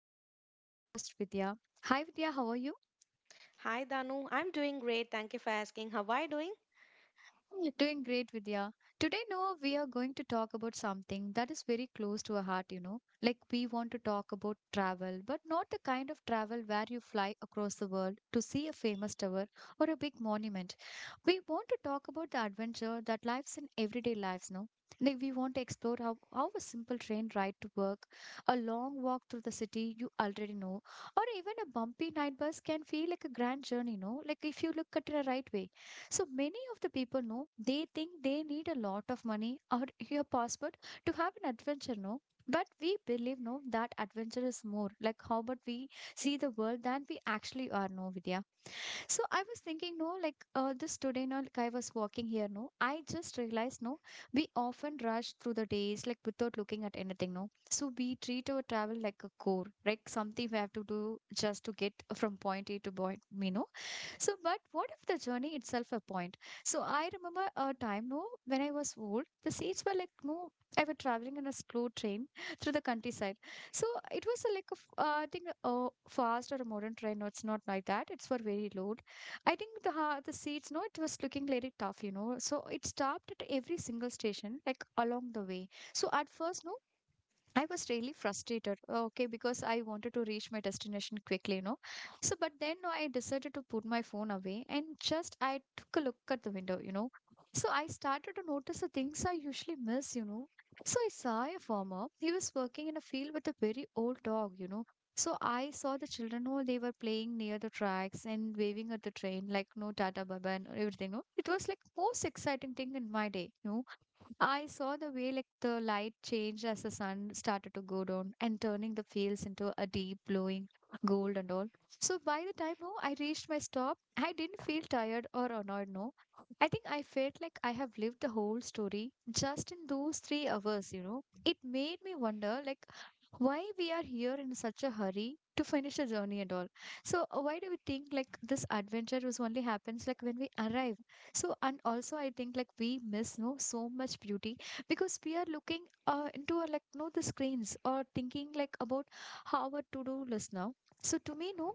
dear friend and co-host Vidya. Hi Vidya, how are you? Hi Danu, I'm doing great. Thank you for asking. How are you doing? Doing great, Vidya. Today, Noah, we are going to talk about something that is very close to our heart. Like, we want to talk about travel, but not the kind of travel where you fly across the world to see a famous tower or a big monument. We want to talk about the adventure that lives in everyday lives, no? Like, we want to explore how a simple train ride to work, a long walk through the city you already know, or even a bumpy night bus can feel like a grand journey, no? Like, if you look at it the right way. So many of the people know they think they need a lot of money or your passport to have an adventure, no? But we believe no that adventure is more like how about we see the world than we actually are, no Vidya. So I was thinking, no, like this today, no, like I was walking here, no, I just realized, no, we often rush through the days like without looking at anything, no. So we treat our travel like a core, like something we have to do just to get from point A to point. So, but what if the journey itself a point? So I remember a time, no, when I was old, the seats were like, no, I was traveling in a slow train through the countryside. So it was a, I think, fast or a modern train. No, it's not like that. It's for very low. I think the seats, no, it was looking really tough. So it stopped at every single station, like along the way. So at first, no, I was really frustrated, okay, because I wanted to reach my destination quickly. So, but then no, I decided to put my phone away and just I took a look at the window. So I started to notice the things I usually miss. So I saw a farmer. He was working in a field with a very old dog. So I saw the children, oh, they were playing near the tracks and waving at the train, like no tata baba and everything. No, it was like most exciting thing in my day. I saw the way like the light changed as the sun started to go down and turning the fields into a deep glowing gold and all. So by the time no, I reached my stop, I didn't feel tired or annoyed. No, I think I felt like I have lived the whole story just in those 3 hours. It made me wonder like why we are here in such a hurry to finish the journey and all. So why do we think like this adventure was only happens like when we arrive? So and also I think like we miss no so much beauty because we are looking into like no the screens or thinking like about how our to do list now. So to me no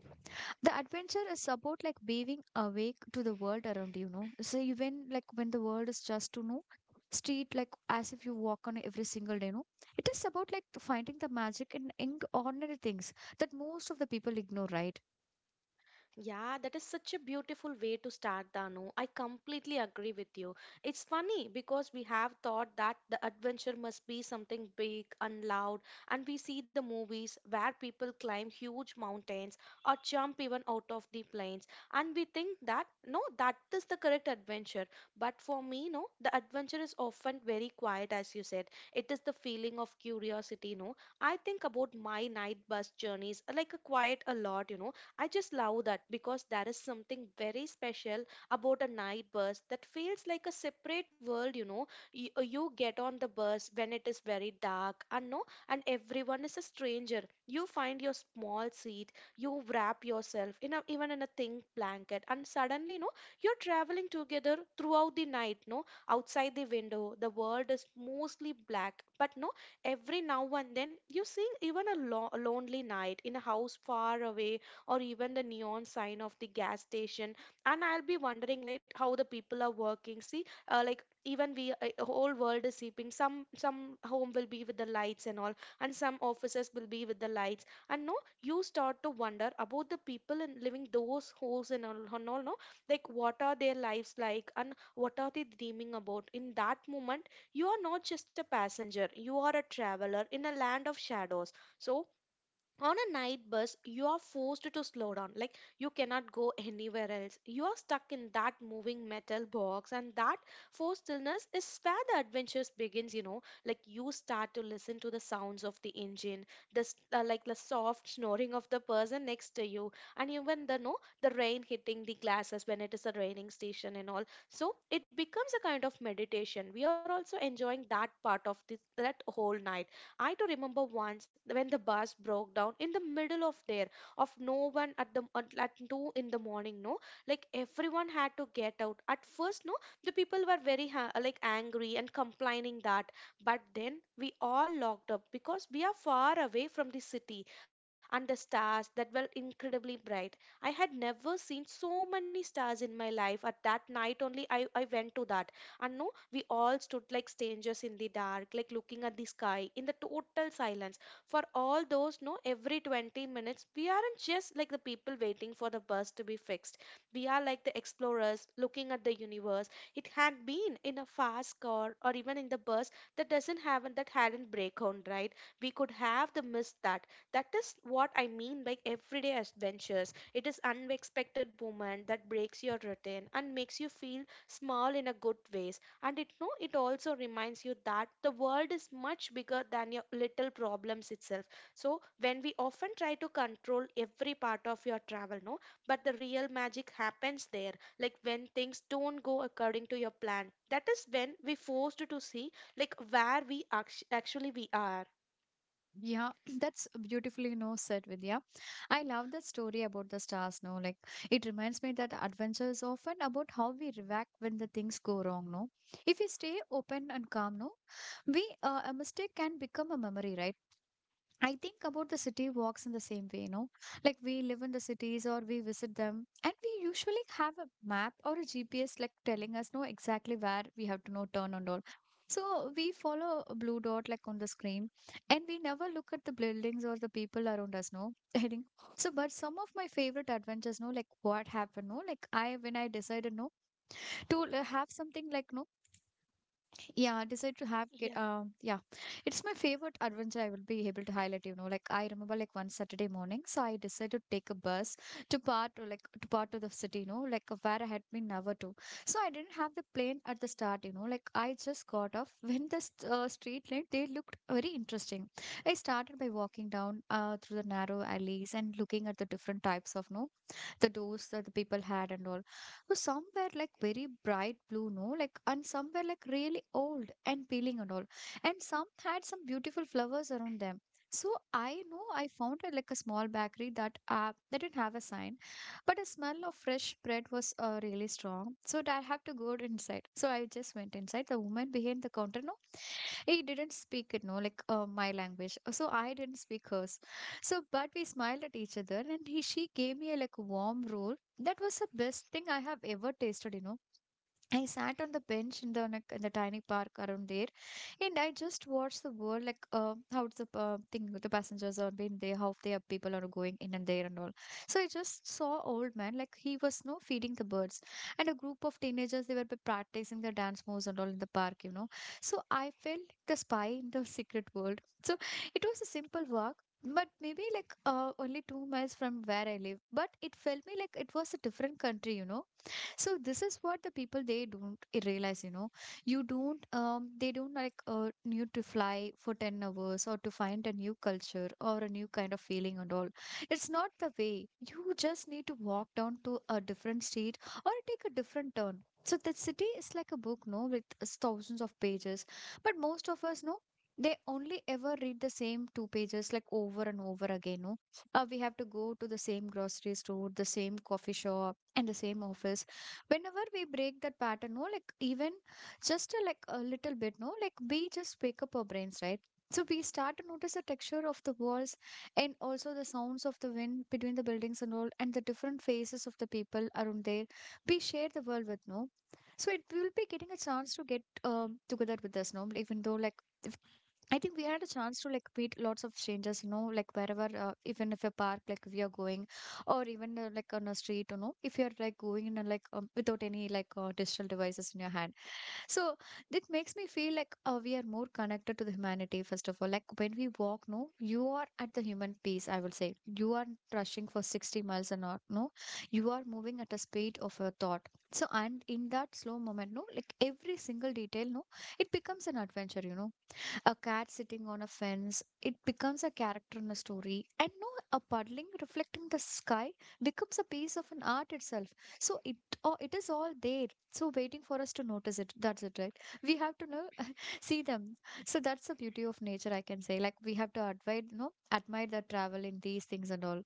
the adventure is about like waving awake to the world around, so even like when the world is just to know street, like as if you walk on every single day no, it is about like finding the magic in ordinary things that most of the people ignore, right. Yeah, that is such a beautiful way to start, Danu. I completely agree with you. It's funny because we have thought that the adventure must be something big and loud, and we see the movies where people climb huge mountains or jump even out of the planes, and we think that no, that is the correct adventure. But for me, no, the adventure is often very quiet, as you said. It is the feeling of curiosity, no. I think about my night bus journeys like a quiet a lot, you know. I just love that because there is something very special about a night bus that feels like a separate world, you know. You get on the bus when it is very dark and no, and everyone is a stranger. You find your small seat, you wrap yourself in a, even in a thin blanket, and suddenly no, you're traveling together throughout the night, no, outside the window the world is mostly black, but no, every now and then you see even a, lo- a lonely night in a house far away, or even the neon sign of the gas station, and I'll be wondering like how the people are working. See, like even we whole world is sleeping, some home will be with the lights and all, and some offices will be with the lights. And no, you start to wonder about the people in living those holes and all, and all, no, like what are their lives like, and what are they dreaming about? In that moment, you are not just a passenger, you are a traveler in a land of shadows. So on a night bus you are forced to slow down, like you cannot go anywhere else. You are stuck in that moving metal box, and that forced stillness is where the adventures begins. You know, like you start to listen to the sounds of the engine, the like the soft snoring of the person next to you, and even the no, the rain hitting the glasses when it is a raining station and all. So it becomes a kind of meditation. We are also enjoying that part of this, that whole night. I do remember once when the bus broke down in the middle of there, of no one at the at two in the morning. No, like everyone had to get out. At first, no, the people were very ha- like angry and complaining that, but then we all locked up because we are far away from the city, and the stars that were incredibly bright. I had never seen so many stars in my life. At that night only, I went to that, and no, we all stood like strangers in the dark, like looking at the sky in the total silence. For all those, no, every 20 minutes, we aren't just like the people waiting for the bus to be fixed. We are like the explorers looking at the universe. It had been in a fast car or even in the bus that doesn't have, that hadn't break on, right? We could have the missed that. That is what I mean by everyday adventures. It is unexpected moment that breaks your routine and makes you feel small in a good ways, and it no, it also reminds you that the world is much bigger than your little problems itself. So when we often try to control every part of your travel, no, but the real magic happens there, like when things don't go according to your plan. That is when we forced to see like where we act- actually we are. Yeah, that's beautifully no said, Vidya. I love the story about the stars, no? Like it reminds me that adventure is often about how we react when the things go wrong, no? If we stay open and calm, no, we a mistake can become a memory, right? I think about the city walks in the same way. Like we live in the cities or we visit them, and we usually have a map or a GPS like telling us know exactly where we have to know turn and all. So we follow a blue dot like on the screen, and we never look at the buildings or the people around us, no. I think so. But some of my favorite adventures, no, like what happened, no, like I when I decided no to have something like no yeah, decide to have kid. Yeah, it's my favorite adventure. I will be able to highlight. Like I remember like one Saturday morning, so I decided to take a bus to part or like to part of the city. Like where I had been never to. So I didn't have the plane at the start. Like I just got off when the street light they looked very interesting. I started by walking down through the narrow alleys and looking at the different types of no the doors that the people had and all. So some were like very bright blue, no, like and some were like really old and peeling and all, and some had some beautiful flowers around them. So I know I found a small bakery that didn't have a sign, but the smell of fresh bread was really strong. So I had to go inside. So I just went inside. The woman behind the counter, no, he didn't speak it no like my language. So I didn't speak hers so but we smiled at each other and he she gave me a like warm roll that was the best thing I have ever tasted. I sat on the bench in the tiny park around there, and I just watched the world like how the thing the passengers are being there, how they are people are going in and there and all. So I just saw old man like he was no feeding the birds, and a group of teenagers they were practicing their dance moves and all in the park. So I felt like the spy in the secret world. So it was a simple walk. But maybe like only 2 miles from where I live, but it felt me like it was a different country. So this is what the people they don't realize you don't they don't like need to fly for 10 hours or to find a new culture or a new kind of feeling and all. It's not the way you just need to walk down to a different street or take a different turn. So the city is like a book no with thousands of pages, but most of us no, they only ever read the same two pages like over and over again no we have to go to the same grocery store, the same coffee shop, and the same office. Whenever we break that pattern no like even just a little bit no like we just wake up our brains, right. So we start to notice the texture of the walls and also the sounds of the wind between the buildings and all and the different faces of the people around there we share the world with no. So it will be getting a chance to get together with us no even though like if, I think we had a chance to like meet lots of strangers, like wherever, even if a park, like we are going or even like on a street if you're like going in and like without any like digital devices in your hand. So it makes me feel like we are more connected to the humanity first of all like when we walk no you are at the human pace I will say you are rushing for 60 miles an hour no you are moving at a speed of a thought. So and in that slow moment no like every single detail no it becomes an adventure. A cat sitting on a fence it becomes a character in a story and no a puddling reflecting the sky becomes a piece of an art itself. So it, oh, it is all there, so waiting for us to notice it, that's it, right. We have to know see them. So that's the beauty of nature I can say like we have to admire you know admire the travel in these things and all.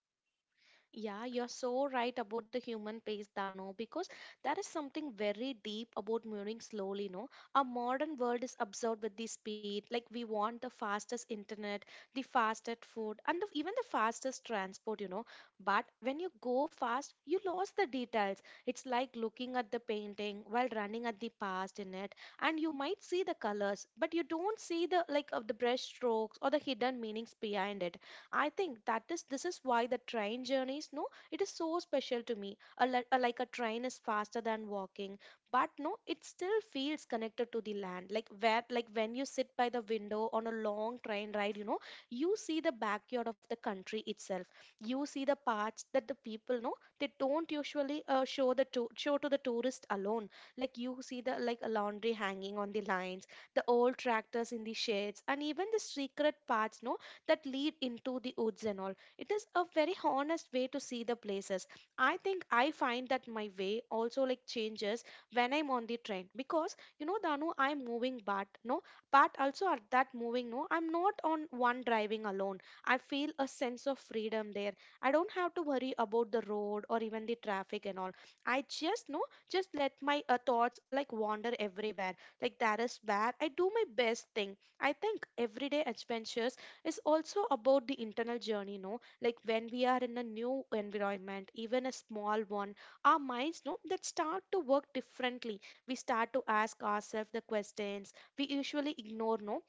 Yeah, you're so right about the human pace, Dano, because there is something very deep about moving slowly, no? Our modern world is absorbed with the speed, like we want the fastest internet, the fastest food, and the, even the fastest transport, you know. But when you go fast, you lose the details. It's like looking at the painting while running at the past in it, and you might see the colors, but you don't see the like of the brush strokes or the hidden meanings behind it. I think that is, this is why the train journeys, no, it is so special to me. A, li- a- like a train is faster than walking, but no, it still feels connected to the land. Like where, like when you sit by the window on a long train ride, you know, you see the backyard of the country itself. You see the parts that the people know, they don't usually show the to- show to the tourist alone. Like you see the like a laundry hanging on the lines, the old tractors in the shades, and even the secret parts no, that lead into the woods and all. It is a very honest way to see the places. I think I find that my way also like changes when I'm on the train, because you know Danu, I'm moving, but no, but also at that moving no, I'm not on one driving alone. I feel a sense of freedom there. I don't have to worry about the road or even the traffic and all. I just no, just let my thoughts like wander everywhere. Like that is where I do my best thing. I think everyday adventures is also about the internal journey, no, like when we are in a new environment, even a small one, our minds know that start to work differently. We start to ask ourselves the questions we usually ignore, no.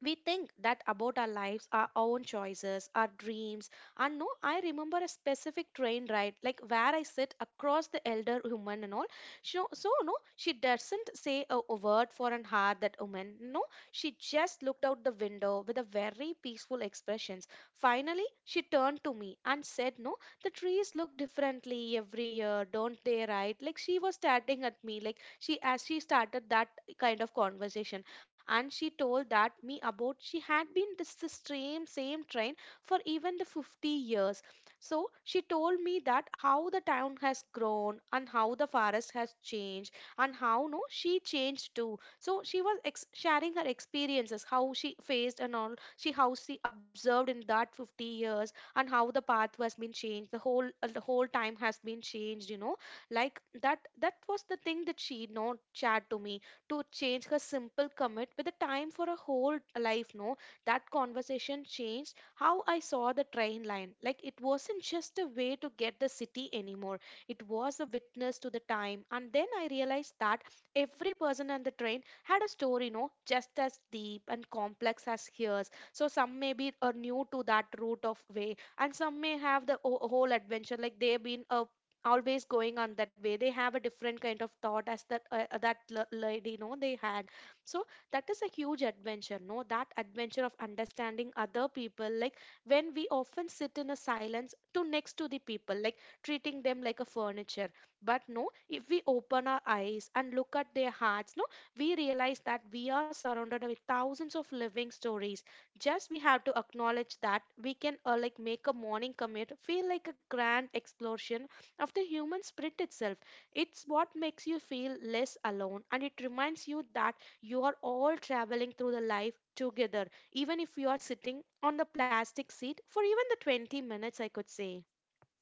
We think that about our lives, our own choices, our dreams. And no, I remember a specific train ride like where I sit across the elder woman and all. So no, she doesn't say a word for an hour. That woman, no, she just looked out the window with a very peaceful expressions. Finally she turned to me and said no, the trees look differently every year, don't they, right? Like she was starting at me, like she as she started that kind of conversation. And she told that me about she had been this the same train for even the 50 years. So she told me that how the town has grown, and how the forest has changed, and how no, she changed too. So she was ex- sharing her experiences, how she faced and all, she how she observed in that 50 years, and how the path has been changed, the whole time has been changed, you know. Like that, that was the thing that she, you know, shared to me, to change her simple commit with the time for a whole life, no. That conversation changed how I saw the train line. Like it wasn't just a way to get the city anymore, it was a witness to the time. And then I realized that every person on the train had a story, no, just as deep and complex as hers. So some may be are new to that route of way, and some may have the o- whole adventure, like they've been a always going on that way. They have a different kind of thought as that that l- lady, no, they had. So that is a huge adventure, no, that adventure of understanding other people. Like when we often sit in a silence to next to the people, like treating them like a furniture, but no, if we open our eyes and look at their hearts, no, we realize that we are surrounded with thousands of living stories. Just we have to acknowledge that we can like make a morning commute feel like a grand explosion of the human spirit itself. It's what makes you feel less alone, and it reminds you that you are all traveling through the life together, even if you are sitting on the plastic seat for even the 20 minutes, I could say.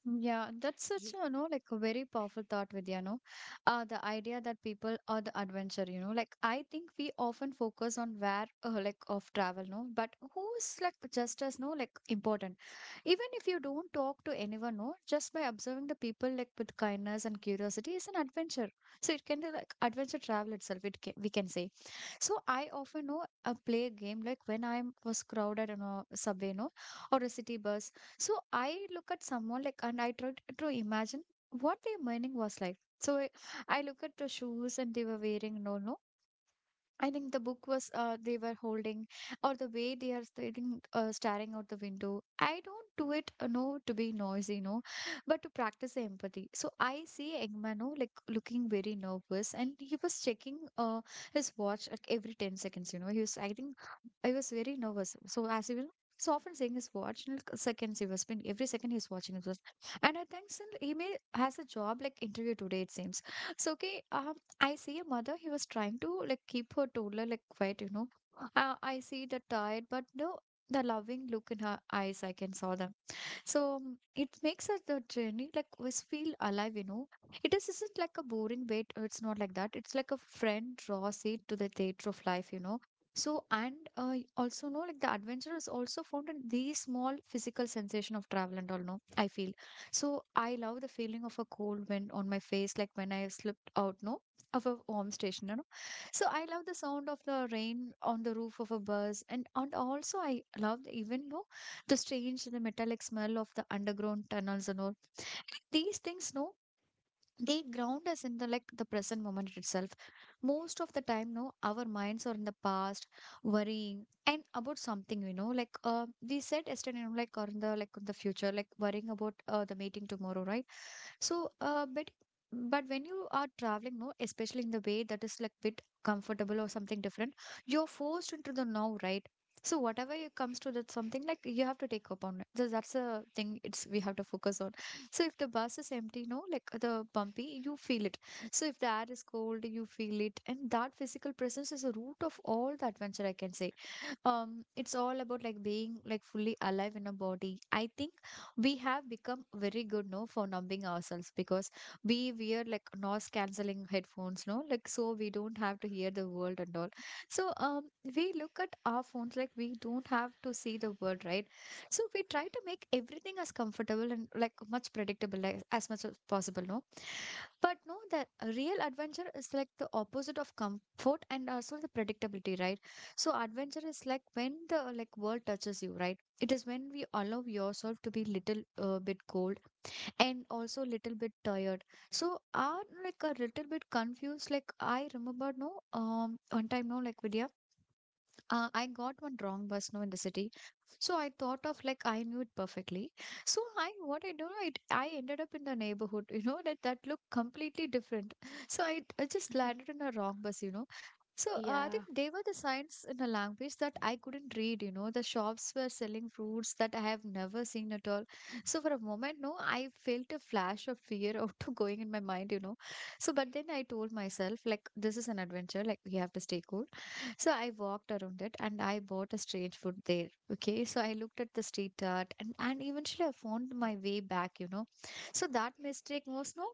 Yeah, that's such Ye- a, like a very powerful thought, Vidya, no? The idea that people are the adventure, you know, like I think we often focus on where, like of travel, no? But who's like just as, no, like important. Even if you don't talk to anyone, no, just by observing the people like with kindness and curiosity is an adventure. So it can be like adventure travel itself, it can, we can say. So I often, know, play a game like when I was crowded on a subway, no, or a city bus. So I look at someone like, and I try to imagine what their morning was like. So I look at the shoes and they were wearing, no, no, I think the book was they were holding, or the way they are staring, staring out the window. I don't do it, no, to be noisy, no, but to practice the empathy. So I see Eggman, no, like looking very nervous, and he was checking his watch like every 10 seconds. You know, he was. I think I was very nervous. So as he was so often saying his watch, like seconds he was spending every second he's watching his watch, and I think still he may has a job like interview today. It seems so. Okay, I see a mother, he was trying to like keep her toddler like quiet, you know. I see the tired, but no, the loving look in her eyes. I can saw them. So it makes us the journey like always feel alive, you know. It is isn't like a boring wait, it's not like that. It's like a friend draws it to the theatre of life, you know. So and also know like the adventure is also found in the small physical sensation of travel and all no I feel so I love the feeling of a cold wind on my face like when I slipped out no of a home station, you know. So I love the sound of the rain on the roof of a bus, and also I love the even though the strange the metallic smell of the underground tunnels and all these things no they ground us in the like the present moment itself. Most of the time no our minds are in the past worrying and about something, you know, like we said yesterday, you know, like or in the like the future like worrying about the meeting tomorrow, right? So, but when you are traveling, no, especially in the way that is like bit comfortable or something different, you're forced into the now, right? So whatever it comes to that something like you have to take upon it. So that's the thing it's we have to focus on. So if the bus is empty, no, like the bumpy, you feel it. So if the air is cold, you feel it. And that physical presence is the root of all the adventure, I can say. It's all about like being like fully alive in a body, I think. We have become very good no for numbing ourselves because we wear like noise cancelling headphones no like so we don't have to hear the world and all. So, we look at our phones like we don't have to see the world, right? So we try to make everything as comfortable and like much predictable like, as much as possible no but no the real adventure is like the opposite of comfort and also the predictability, right? So adventure is like when the like world touches you, right? It is when we allow yourself to be little bit cold and also little bit tired. So are like a little bit confused. Like I remember no one time no like Vidya, I got one wrong bus now in the city. So I thought of like I knew it perfectly. So I what I do I ended up in the neighborhood, you know, that looked completely different. So I just landed in a wrong bus, you know. So I think Yeah, they were the signs in a language that I couldn't read, you know. The shops were selling fruits that I have never seen at all. So for a moment, no, I felt a flash of fear auto going in my mind, you know. So but then I told myself like this is an adventure, like we have to stay cool. So I walked around it and I bought a strange food there. Okay. So I looked at the street art and eventually I found my way back, you know. So that mistake was no,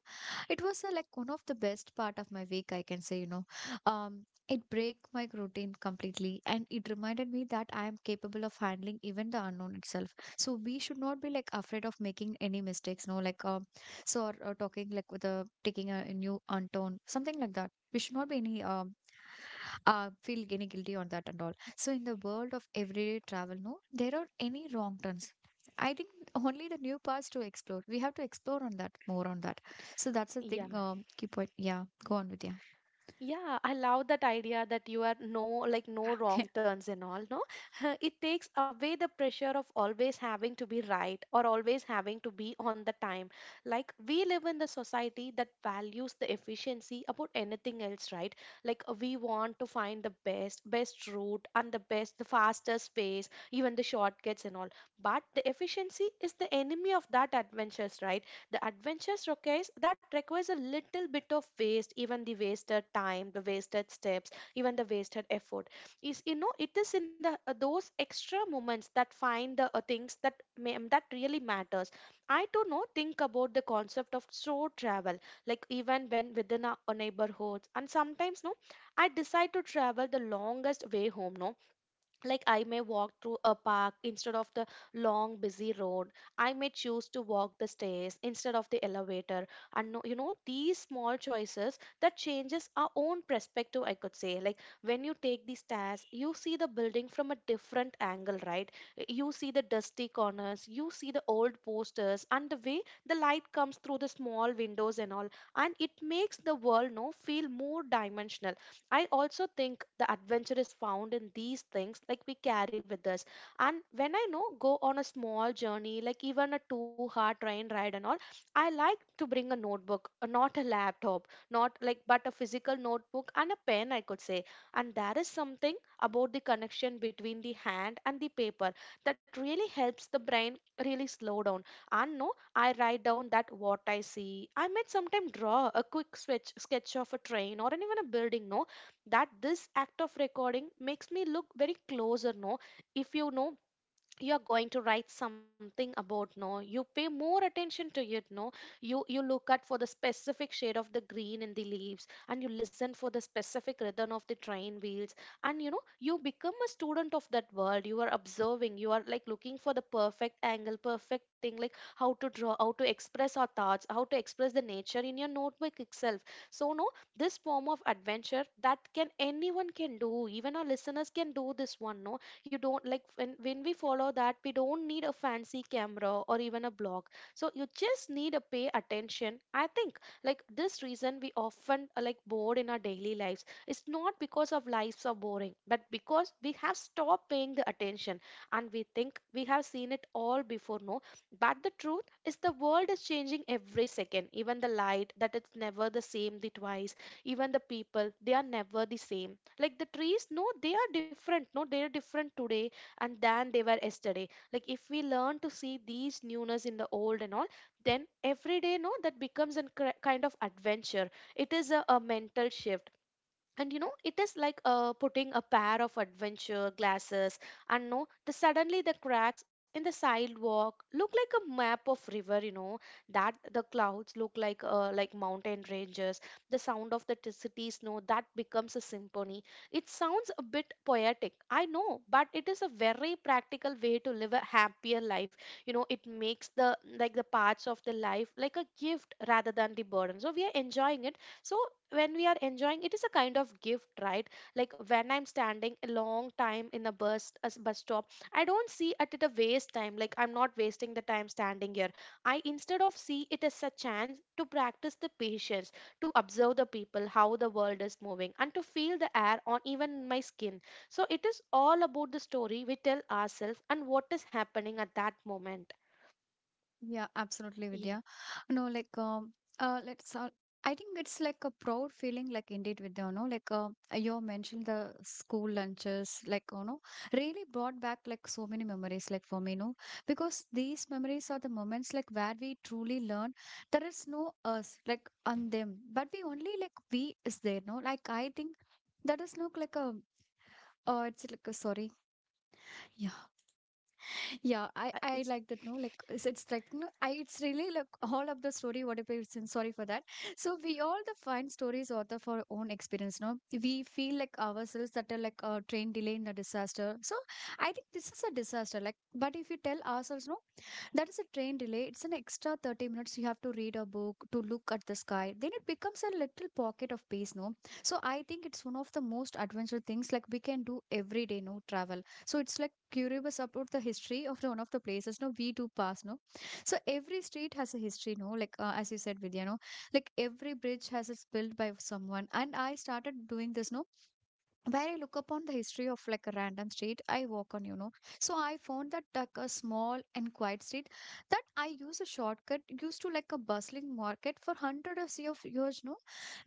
it was like one of the best part of my week, I can say, you know. It break my routine completely and it reminded me that I am capable of handling even the unknown itself. So we should not be like afraid of making any mistakes, no, so or talking like with a taking a new untone, something like that. We should not be any feel any guilty on that and all. So in the world of everyday travel, no, there are any wrong turns. I think only the new paths to explore. We have to explore on that more on that. So that's the thing. yeah. Keep point. Yeah, go on with yeah. Yeah, I love that idea that you are no like no wrong turns and all, no? It takes away the pressure of always having to be right or always having to be on the time. Like we live in the society that values the efficiency about anything else, right? Like we want to find the best route and the best, the fastest ways, even the shortcuts and all. But the efficiency is the enemy of that adventures, right? The adventurous rockets that requires a little bit of waste, even the wasted time, the wasted steps, even the wasted effort. Is you know it is in the those extra moments that find the things that may, that really matters. I do not think about the concept of slow travel, like even when within our neighborhoods, and sometimes no, I decide to travel the longest way home. No, like I may walk through a park instead of the long busy road. I may choose to walk the stairs instead of the elevator. And these small choices that changes our own perspective, I could say. Like when you take the stairs, you see the building from a different angle, right? You see the dusty corners, you see the old posters and the way the light comes through the small windows and all. And it makes the world, no, feel more dimensional. I also think the adventure is found in these things like we carry with us. And when I know go on a small journey, like even a 2-hour train ride and all, I like to bring a notebook, not a laptop, not like but a physical notebook and a pen, I could say. And there is something about the connection between the hand and the paper that really helps the brain really slow down. And no, I write down that what I see. I might sometimes draw a quick switch sketch of a train or even a building, no, that this act of recording makes me look very closer. No, if you know you're going to write something about, no, you pay more attention to it. No, you look at for the specific shade of the green in the leaves, and you listen for the specific rhythm of the train wheels. And you know you become a student of that world you are observing. You are like looking for the perfect angle, perfect thing, like how to draw, how to express our thoughts, how to express the nature in your notebook itself. So no, this form of adventure that can anyone can do, even our listeners can do this one. No, you don't like when we follow that, we don't need a fancy camera or even a blog. So you just need to pay attention, I think. Like this reason we often are like bored in our daily lives, it's not because of lives are boring, but because we have stopped paying the attention. And we think we have seen it all before. No, but the truth is the world is changing every second, even the light that it's never the same the twice. Even the people, they are never the same, like the trees, no, they are different, no, they are different today and than they were yesterday. Like if we learn to see these newness in the old and all, then every day, no, that becomes a kind of adventure. It is a mental shift. And you know it is like putting a pair of adventure glasses. And no, the suddenly the cracks in the sidewalk look like a map of river, you know, that the clouds look like mountain ranges. The sound of the city snow that becomes a symphony. It sounds a bit poetic, I know, but it is a very practical way to live a happier life. You know it makes the like the parts of the life like a gift rather than the burden, so we are enjoying it. So when we are enjoying, it is a kind of gift, right? Like when I'm standing a long time in a bus, a bus stop, I don't see it at a waste time. Like I'm not wasting the time standing here. I instead of see it as a chance to practice the patience, to observe the people how the world is moving and to feel the air on even my skin. So it is all about the story we tell ourselves and what is happening at that moment. Yeah, absolutely, Yeah, Vidya. No, like let's. I think it's like a proud feeling, like indeed, Vidya. No, like you mentioned the school lunches, like you know, really brought back like so many memories, like for me, no, because these memories are the moments like where we truly learn there is no us like on them, but we only like we is there, no. Like I think that is look like a. Oh, it's like a sorry. Yeah. Yeah, I yeah, I it's like that. No, like it's like no, I it's really like all of the story. What if it's in, sorry for that. So we all the find stories out of our own experience. No, we feel like ourselves that are like a train delay in the disaster. So I think this is a disaster. Like, but if you tell ourselves no, that is a train delay. It's an extra 30 minutes. You have to read a book to look at the sky. Then it becomes a little pocket of peace. No, so I think it's one of the most adventure things like we can do every day. No travel. So it's like curious about the history of the, one of the places. No, we do pass. No, so every street has a history. No, like as you said, Vidya. No, like every bridge has it's built by someone. And I started doing this. No, where I look upon the history of like a random street I walk on, you know. So I found that like a small and quiet street that I use a shortcut used to like a bustling market for hundreds of years, no.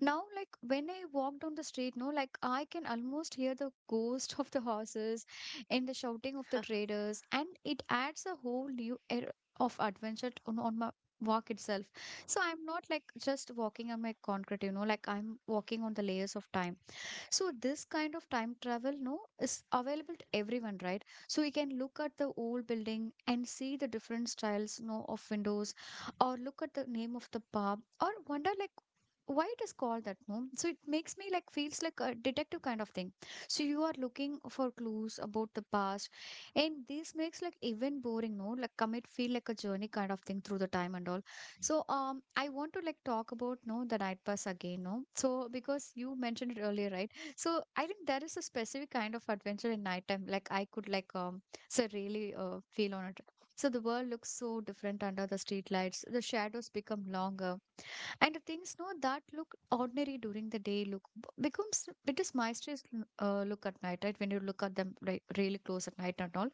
Now, like when I walk down the street, no, like I can almost hear the ghost of the horses and the shouting of the traders, and it adds a whole new air of adventure on, my walk itself. So I'm not like just walking on my concrete, you know, like I'm walking on the layers of time. So this kind of time travel no is available to everyone, right? So we can look at the old building and see the different styles no of windows, or look at the name of the pub or wonder like why it is called that no so it makes me like feels like a detective kind of thing. So you are looking for clues about the past, and this makes like even boring no like come it feel like a journey kind of thing through the time and all. So I want to like talk about no the night bus again no so because you mentioned it earlier, right? So I think there is a specific kind of adventure in nighttime. Like I could really feel on it. So the world looks so different under the street lights. The shadows become longer, and the things no that look ordinary during the day becomes it is mysterious look at night, right? When you look at them like really close at night and all.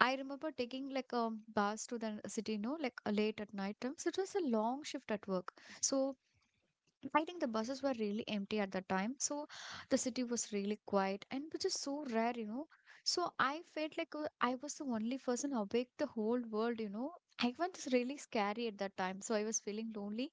I remember taking like bus to the city no like late at night time. So it was a long shift at work. So I think the buses were really empty at that time. So the city was really quiet and which is so rare, you know. So I felt like I was the only person awake the whole world, you know. I was really scary at that time. So I was feeling lonely.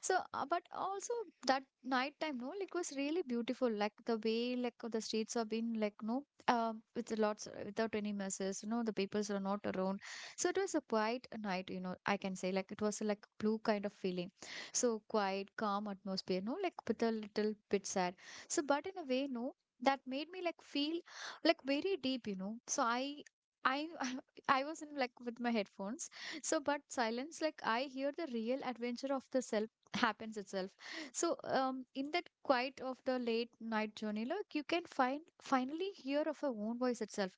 So, but also that night time, no, like was really beautiful. Like the way, like the streets have been like, no, with lots without any messes, you know, the peoples are not around. So it was a quiet night, you know, I can say like it was like blue kind of feeling. So quiet, calm atmosphere, no, like with a little bit sad. So, but in a way, no, that made me like feel like very deep, you know. So I, I was in like with my headphones. So, but silence, like I hear the real adventure of the self happens itself. So, in that quiet of the late night journey, look, you can find finally hear of your own voice itself.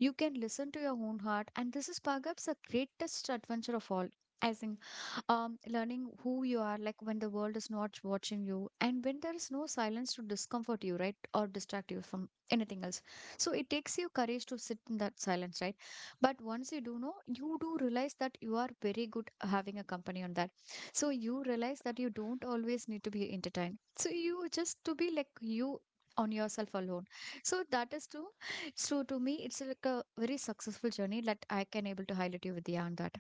You can listen to your own heart, and this is perhaps the greatest adventure of all. I think learning who you are, like when the world is not watching you, and when there is no silence to discomfort you, right, or distract you from anything else. So it takes you courage to sit in that silence, right? But once you do know, you do realize that you are very good having a company on that. So you realize that you don't always need to be entertained. So you just to be like you on yourself alone. So that is true. So to me, it's like a very successful journey that I can able to highlight you with the on that.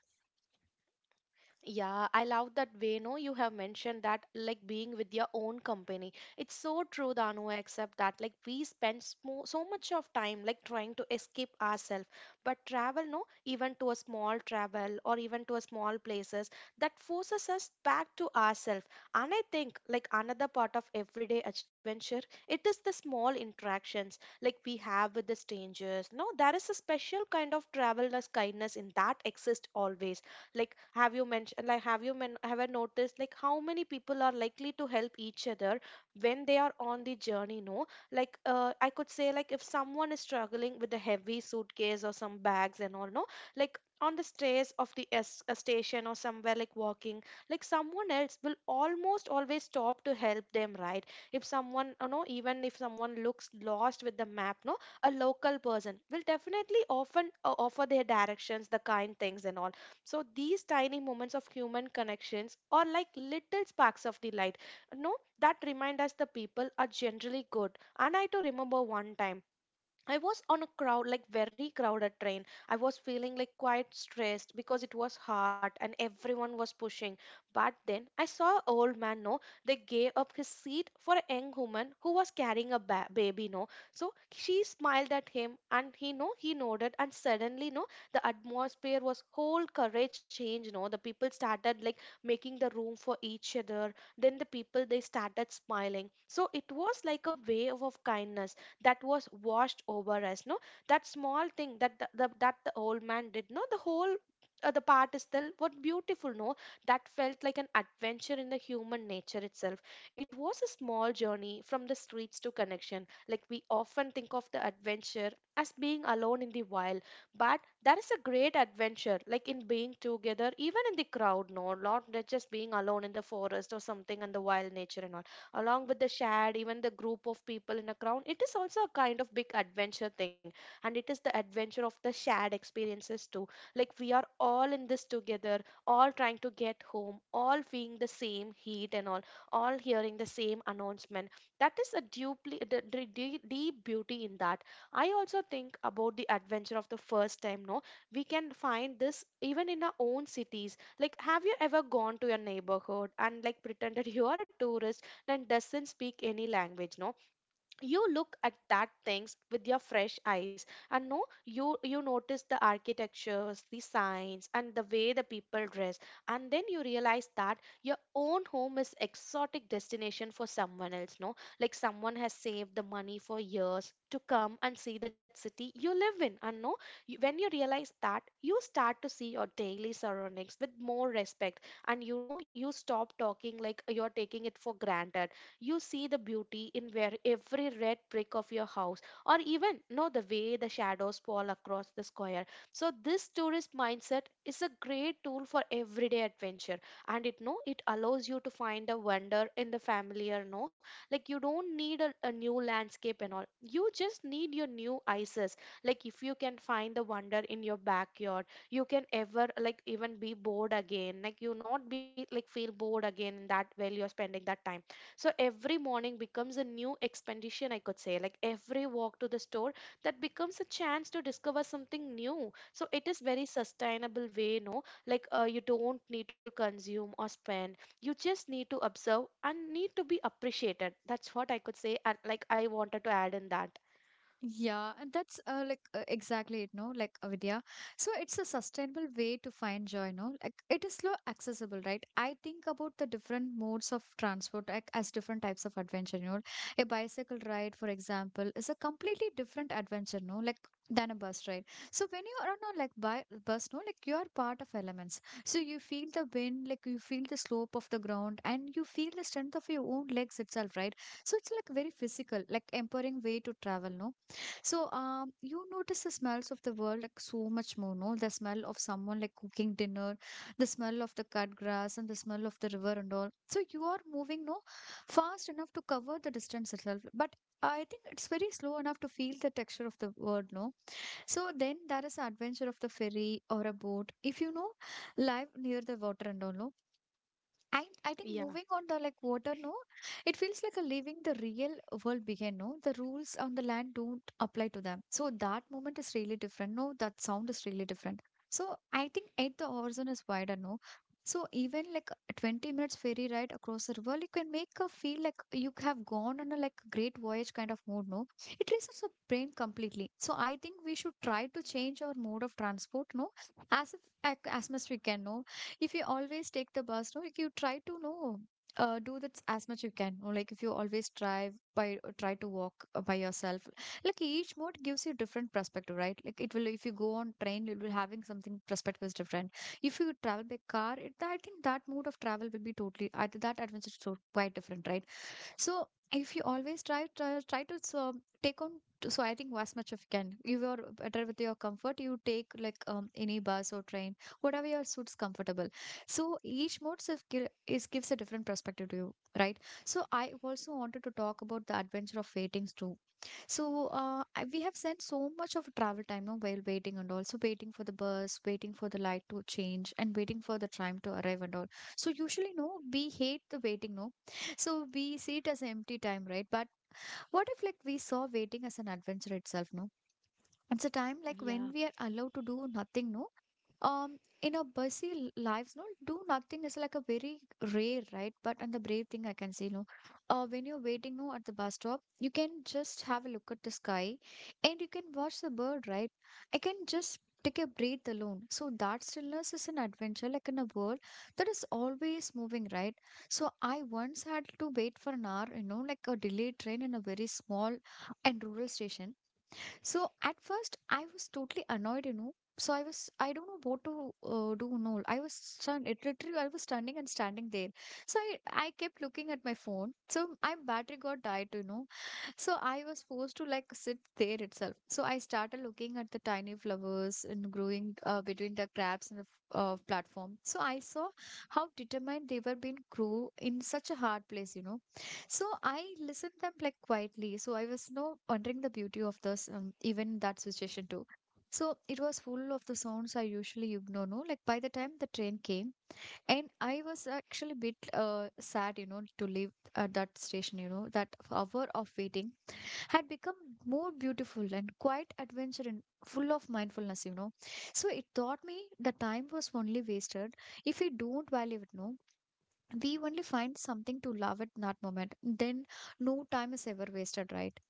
yeah, I love that way. No, you have mentioned that like being with your own company. It's so true, Danu, except that like we spend smo so much of time like trying to escape ourselves. But travel, no, even to a small travel or even to a small places, that forces us back to ourselves. And I think like another part of everyday adventure, it is the small interactions like we have with the strangers. No, there is a special kind of traveler's kindness in that exists always, like have you mentioned, like have I noticed like how many people are likely to help each other when they are on the journey. No, like I could say like if someone is struggling with a heavy suitcase or some bags and all, no, like on the stairs of the a station or somewhere like walking, like someone else will almost always stop to help them, right? If someone you know, even if someone looks lost with the map, no, a local person will definitely often offer their directions, the kind things and all. So these tiny moments of human connections are like little sparks of the light. No, that remind us the people are generally good. And I too remember one time I was on a crowd, like very crowded train. I was feeling like quite stressed because it was hot and everyone was pushing. But then I saw an old man, no, they gave up his seat for a young woman who was carrying a baby, no. So she smiled at him and he, no, he nodded, and suddenly, no, the atmosphere was whole courage change, no. The people started like making the room for each other. Then the people, they started smiling. So it was like a wave of kindness that was washed over us. No, that small thing that the that the old man did, no, the whole, the part is still what beautiful. No, that felt like an adventure in the human nature itself. It was a small journey from the streets to connection. Like we often think of the adventure as being alone in the wild, but that is a great adventure like in being together even in the crowd, no, not that just being alone in the forest or something and the wild nature and all, along with the shared, even the group of people in a crowd. It is also a kind of big adventure thing, and it is the adventure of the shared experiences too. Like we are all in this together, all trying to get home, all feeling the same heat and all hearing the same announcement. That is a deeply, the deep beauty in that. I also think about the adventure of the first time. No, we can find this even in our own cities. Like, have you ever gone to your neighborhood and like pretended you are a tourist that doesn't speak any language? No, you look at that things with your fresh eyes. And no, you notice the architectures, the signs, and the way the people dress. And then you realize that your own home is exotic destination for someone else. No, like someone has saved the money for years to come and see that city you live in. And no, when you realize that, you start to see your daily surroundings with more respect. And you know, you stop talking like you're taking it for granted. You see the beauty in where every red brick of your house, or even know the way the shadows fall across the square. So this tourist mindset is a great tool for everyday adventure, and it, no, it allows you to find a wonder in the familiar. No, like you don't need a new landscape and all, you just need your new ices. Like if you can find the wonder in your backyard, you can ever like even be bored again, like you not be like feel bored again that while you're spending that time. So every morning becomes a new expedition, I could say. Like every walk to the store, that becomes a chance to discover something new. So it is very sustainable way, no? Like you don't need to consume or spend. You just need to observe and need to be appreciated. That's what I could say. And like I wanted to add in that. Yeah, and that's like exactly it, no? Like Vidya. So it's a sustainable way to find joy, no? Like it is slow accessible, right? I think about the different modes of transport like, as different types of adventure, you know. A bicycle ride, for example, is a completely different adventure, no? Like than a bus ride. So when you are on a like bi bus, no, like you are part of elements. So you feel the wind, like you feel the slope of the ground, and you feel the strength of your own legs itself, right? So it's like very physical, like empowering way to travel, no? So, you notice the smells of the world like so much more, no? The smell of someone like cooking dinner, the smell of the cut grass, and the smell of the river and all. So you are moving, no, fast enough to cover the distance itself. But I think it's very slow enough to feel the texture of the world, no? So then there is the adventure of the ferry or a boat. If you know, live near the water and all, no? I think Yeah, moving on the like water, no, it feels like a leaving the real world behind, no. The rules on the land don't apply to them. So that moment is really different. No, that sound is really different. So I think at the horizon is wider, no. So even like a 20 minutes ferry ride across the river, you can make a feel like you have gone on a like great voyage kind of mood, no. It rests the brain completely. So I think we should try to change our mode of transport, no, as if, as much we can, no if you always take the bus, no, if you try to know, do that as much you can. Or like if you always drive by, try to walk by yourself. Like each mode gives you different perspective, right? Like it will, if you go on train, it will having something perspective is different. If you travel by car, it, I think that mode of travel will be totally, I, that adventure is so quite different, right? So if you always try to so take on so I think as much as you can. If you're better with your comfort, you take like any bus or train, whatever your suits comfortable. So each mode of gi- is gives a different perspective to you, right? So I also wanted to talk about the adventure of waitings too. So we have spent so much of travel time now while waiting and also waiting for the bus, waiting for the light to change, and waiting for the tram to arrive and all. So usually, no, we hate the waiting, no so we see it as an empty time, right? But what if like we saw waiting as an adventure itself, no? It's a time like yeah. when we are allowed to do nothing, no? um in our busy lives no do nothing is like a very rare right but and the brave thing I can say no when you're waiting no at the bus stop you can just have a look at the sky and you can watch the bird right I can just take a breath alone so that stillness is an adventure like in a world that is always moving right so I once had to wait for an hour you know like a delayed train in a very small and rural station so at first, I was totally annoyed, you know. So I was, I don't know what to do. No, I was stunned. It literally, I was standing and standing there. So I kept looking at my phone. So my battery got died, you know. So I was forced to like sit there itself. So I started looking at the tiny flowers and growing between the cracks in the platform. So I saw how determined they were being grow in such a hard place, you know. So I listened them like quietly. So I was no wondering the beauty of this even in that situation too. So it was full of the sounds I usually ignore. No, like by the time the train came, and I was actually a bit sad, you know, to leave at that station. You know, that hour of waiting had become more beautiful and quite adventure and full of mindfulness, you know. So it taught me the time was only wasted. If we don't value it, no, we only find something to love at that moment. Then no time is ever wasted, right?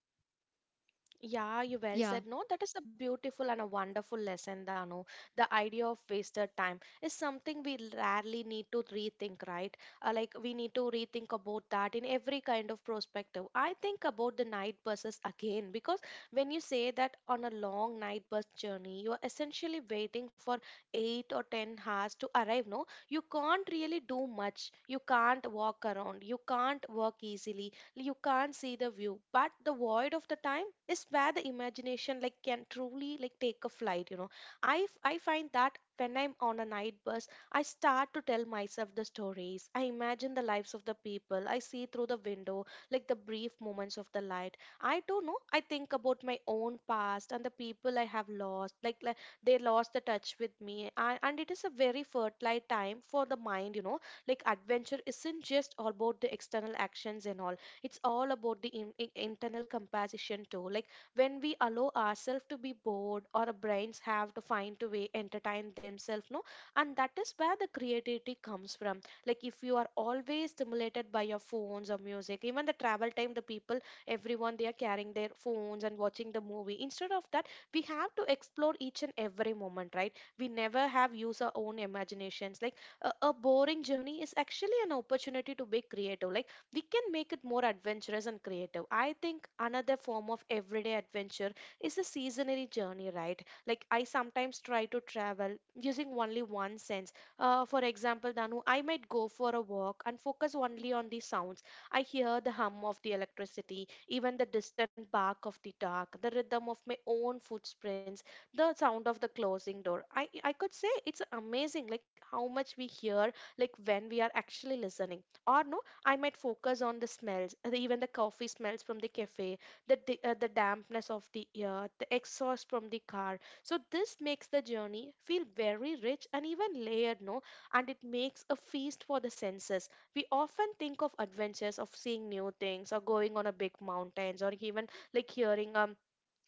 Yeah, you well Yeah. said. No, that is a beautiful and a wonderful lesson, Danu. The idea of wasted time is something we rarely need to rethink, right? Like we need to rethink about that in every kind of perspective. I think about the night buses again, because when you say that on a long night bus journey, you are essentially waiting for 8 or 10 hours to arrive. No, you can't really do much. You can't walk around. You can't work easily. You can't see the view, but the void of the time is where the imagination, like, can truly like take a flight. I find that when I'm on a night bus. I start to tell myself the stories. I imagine the lives of the people I see through the window, like the brief moments of the light. I don't know, I think about my own past and the people I have lost, like they lost the touch with me, and it is a very fertile time for the mind. Like, adventure isn't just about the external actions and all. It's all about the internal composition too, like, when we allow ourselves to be bored or our brains have to find a way entertain themselves, no. And that is where the creativity comes from. Like, if you are always stimulated by your phones or music, even the travel time, the people, everyone, they are carrying their phones and watching the movie instead of that. We have to explore each and every moment, right? We never have used our own imaginations. Like, a boring journey is actually an opportunity to be creative. Like, we can make it more adventurous and creative. I think another form of everyday adventure is a seasonary journey, right? Like I sometimes try to travel using only one sense. For example, Danu, I might go for a walk and focus only on the sounds. I hear the hum of the electricity, even the distant bark of the dog, the rhythm of my own footprints, the sound of the closing door. I could say it's amazing, like how much we hear, like when we are actually listening or no. I might focus on the smells, even the coffee smells from the cafe, the dampness of the air, the exhaust from the car. So this makes the journey feel very rich and even layered, no? And it makes a feast for the senses. We often think of adventures of seeing new things or going on a big mountains or even like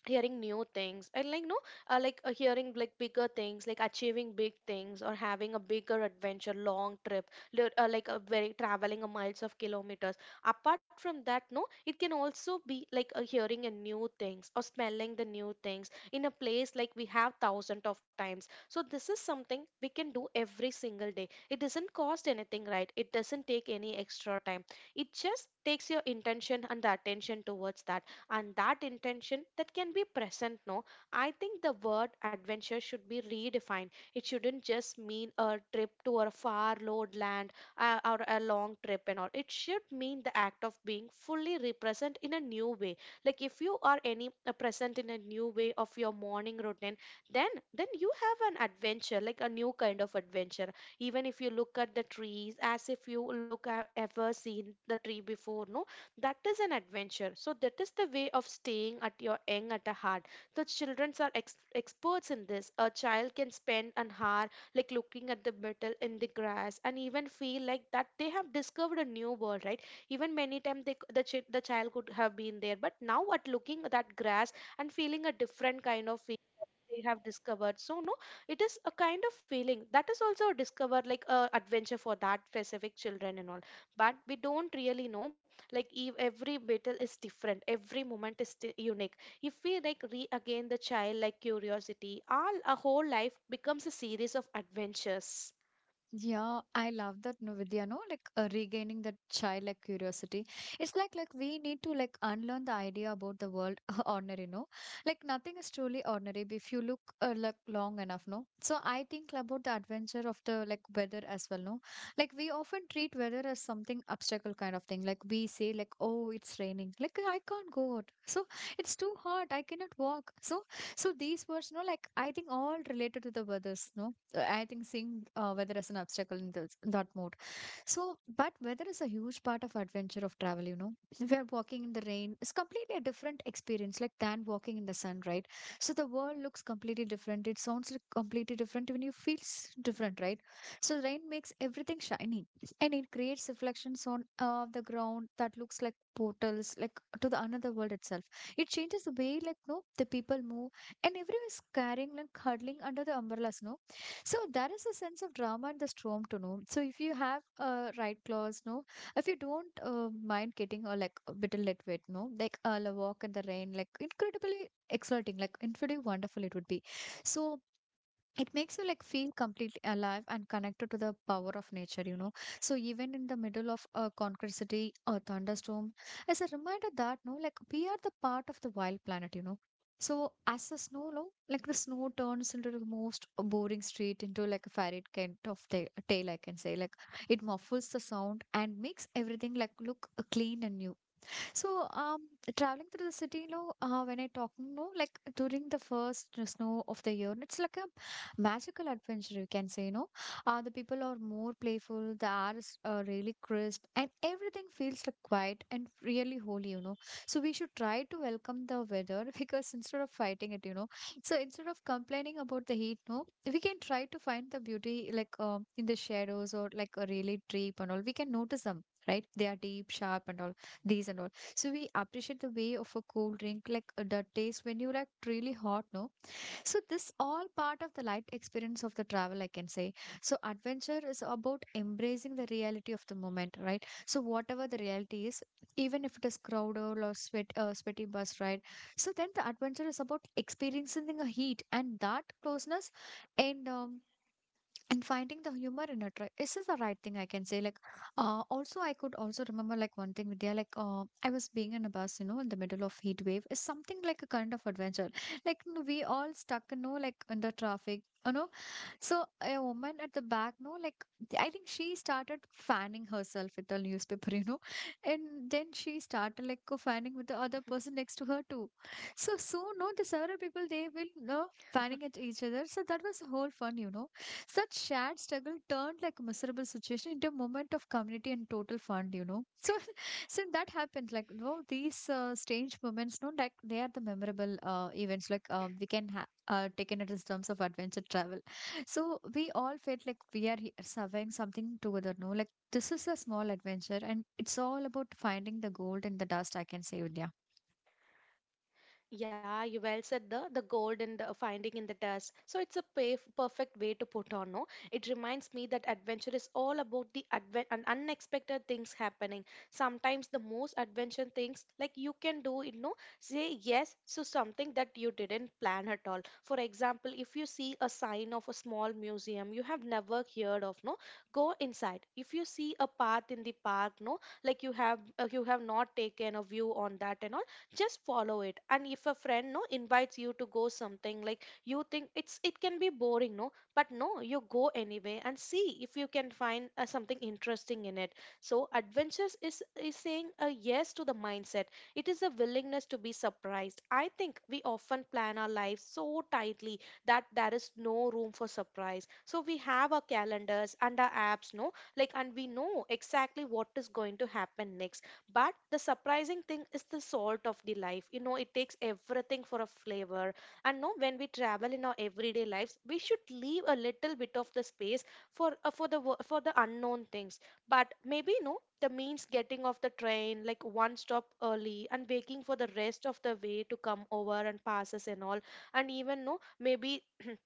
hearing new things and like no. Like hearing like bigger things, like achieving big things or having a bigger adventure long trip, like a very traveling a miles of kilometers. Apart from that, no, it can also be like hearing a new things or smelling the new things in a place like we have thousands of times. So this is something we can do every single day. It doesn't cost anything, right? It doesn't take any extra time. It just takes your intention and the attention towards that. And that intention that can be present, no. I think the word adventure should be redefined. It shouldn't just mean a trip to a far lord land, or a long trip and all. It should mean the act of being fully represent in a new way. Like, if you are any present in a new way of your morning routine, then then you have an adventure, like a new kind of adventure. Even if you look at the trees as if you look have ever seen the tree before, no, that is an adventure. So that is the way of staying at your young at a heart. The children are experts in this. A child can spend an hour like looking at the metal in the grass and even feel like that they have discovered a new world, right? Even many times the child could have been there, but now at looking at that grass and feeling a different kind of feeling, they have discovered, so no. It is a kind of feeling that is also a discover, like a adventure for that specific children and all. But we don't really know. Like, every battle is different, every moment is unique. If we, like, re again the child like curiosity, all our whole life becomes a series of adventures. Yeah, I love that no Vidya, no, like regaining that childlike curiosity. It's like we need to like unlearn the idea about the world ordinary, no. Like nothing is truly ordinary if you look like long enough, no. So I think about the adventure of the like weather as well, no. Like we often treat weather as something obstacle kind of thing. Like we say like oh it's raining, like I can't go out. So it's too hot, I cannot walk. So so these words, no, like I think all related to the weathers, no I think seeing weather as an obstacle in this, that mode. So, but weather is a huge part of adventure of travel, you know. We are walking in the rain. It's completely a different experience, like than walking in the sun, right? So the world looks completely different. It sounds like completely different. Even you feels different, right? So rain makes everything shiny, and it creates reflections on the ground that looks like portals, like to the another world itself. It changes the way, like no, the people move, and everyone is carrying like huddling under the umbrellas, no so there is a sense of drama in the storm to know. So if you have a right clause, no, if you don't mind getting a like a bit a little wet, no, like a walk in the rain, like incredibly exciting, like incredibly wonderful it would be. So it makes you like feel completely alive and connected to the power of nature you know so even in the middle of a concrete city or thunderstorm as a reminder that no like we are the part of the wild planet you know so as the snow no, like the snow turns into the most boring street into like a fairy kind of tale I can say like it muffles the sound and makes everything like look clean and new so, traveling through the city, no, when I talk, no, like during the first snow of the year, it's like a magical adventure, you can say, no. The people are more playful, the air is really crisp, and everything feels like quiet and really holy, you know. So, we should try to welcome the weather because instead of fighting it, you know, so instead of complaining about the heat, no, we can try to find the beauty like in the shadows or like a really deep and all. We can notice them, right? They are deep, sharp, and all these and all. So we appreciate the way of a cold drink, like the taste when you like really hot, no? So this all part of the light experience of the travel, I can say. So adventure is about embracing the reality of the moment, right? So whatever the reality is, even if it is crowded or sweat, sweaty bus ride. So then the adventure is about experiencing the heat and that closeness and and finding the humor in it, right? This is the right thing I can say. Like also, I could also remember like one thing, Vidya. Like I was being in a bus, you know, in the middle of heat wave. It's something like a kind of adventure. Like we all stuck, you know, like in the traffic, you know. So a woman at the back, no, like, I think she started fanning herself with the newspaper, you know, and then she started like co-fanning with the other person next to her too. So soon, no, the several people they will no fanning at each other. So that was a whole fun, you know. Such shared struggle turned like a miserable situation into a moment of community and total fun, you know. So since that happens, like no, these strange moments, no, like they are the memorable events. Like uh, we can taken it as terms of adventure travel. So we all felt like we are surveying something together, no? Like this is a small adventure and it's all about finding the gold in the dust, I can say, Vidya. Yeah, you well said the gold and the finding in the dust. So it's a perfect way to put on, no? It reminds me that adventure is all about the advent and unexpected things happening. Sometimes the most adventure things, like, you can do, say yes to something that you didn't plan at all. For example, if you see a sign of a small museum you have never heard of, no, go inside. If you see a path in the park, no, like you have not taken a view on that and all, just follow it. And if a friend, no, invites you to go something, like, you think it can be boring, no, but no, you go anyway and see if you can find something interesting in it. So adventures is saying a yes to the mindset. It is a willingness to be surprised. I think we often plan our lives so tightly that there is no room for surprise. So we have our calendars and our apps, no, like, and we know exactly what is going to happen next. But the surprising thing is the salt of the life. It takes everything for a flavor. And no, when we travel in our everyday lives, we should leave a little bit of the space for the unknown things. But maybe, no, the means getting off the train like one stop early and waking for the rest of the way to come over and pass us and all. And even, no, maybe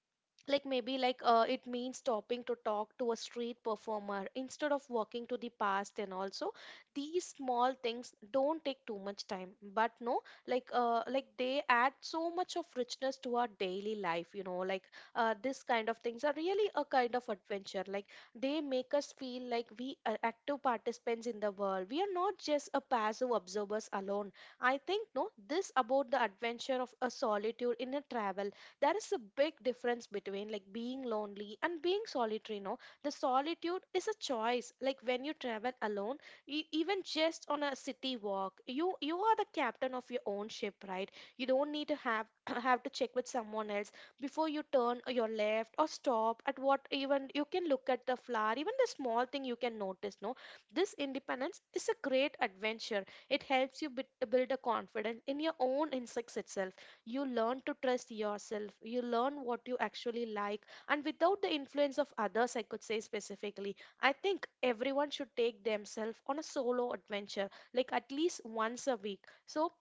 like maybe, like, it means stopping to talk to a street performer instead of walking to the past and also. These small things don't take too much time, but no, like like they add so much of richness to our daily life, like this kind of things are really a kind of adventure, like they make us feel like we are active participants in the world. We are not just a passive observers alone. I think, no, this about the adventure of a solitude in a travel. There is a big difference between like being lonely and being solitary, no. The solitude is a choice, like when you travel alone, even just on a city walk, you are the captain of your own ship, right? You don't need to have have to check with someone else before you turn or your left or stop at what. Even you can look at the flower, even the small thing you can notice, no. This independence is a great adventure. It helps you build a confidence in your own instincts itself. You learn to trust yourself, you learn what you actually like, and without the influence of others, I could say specifically. I think everyone should take themselves on a solo adventure, like at least once a week. So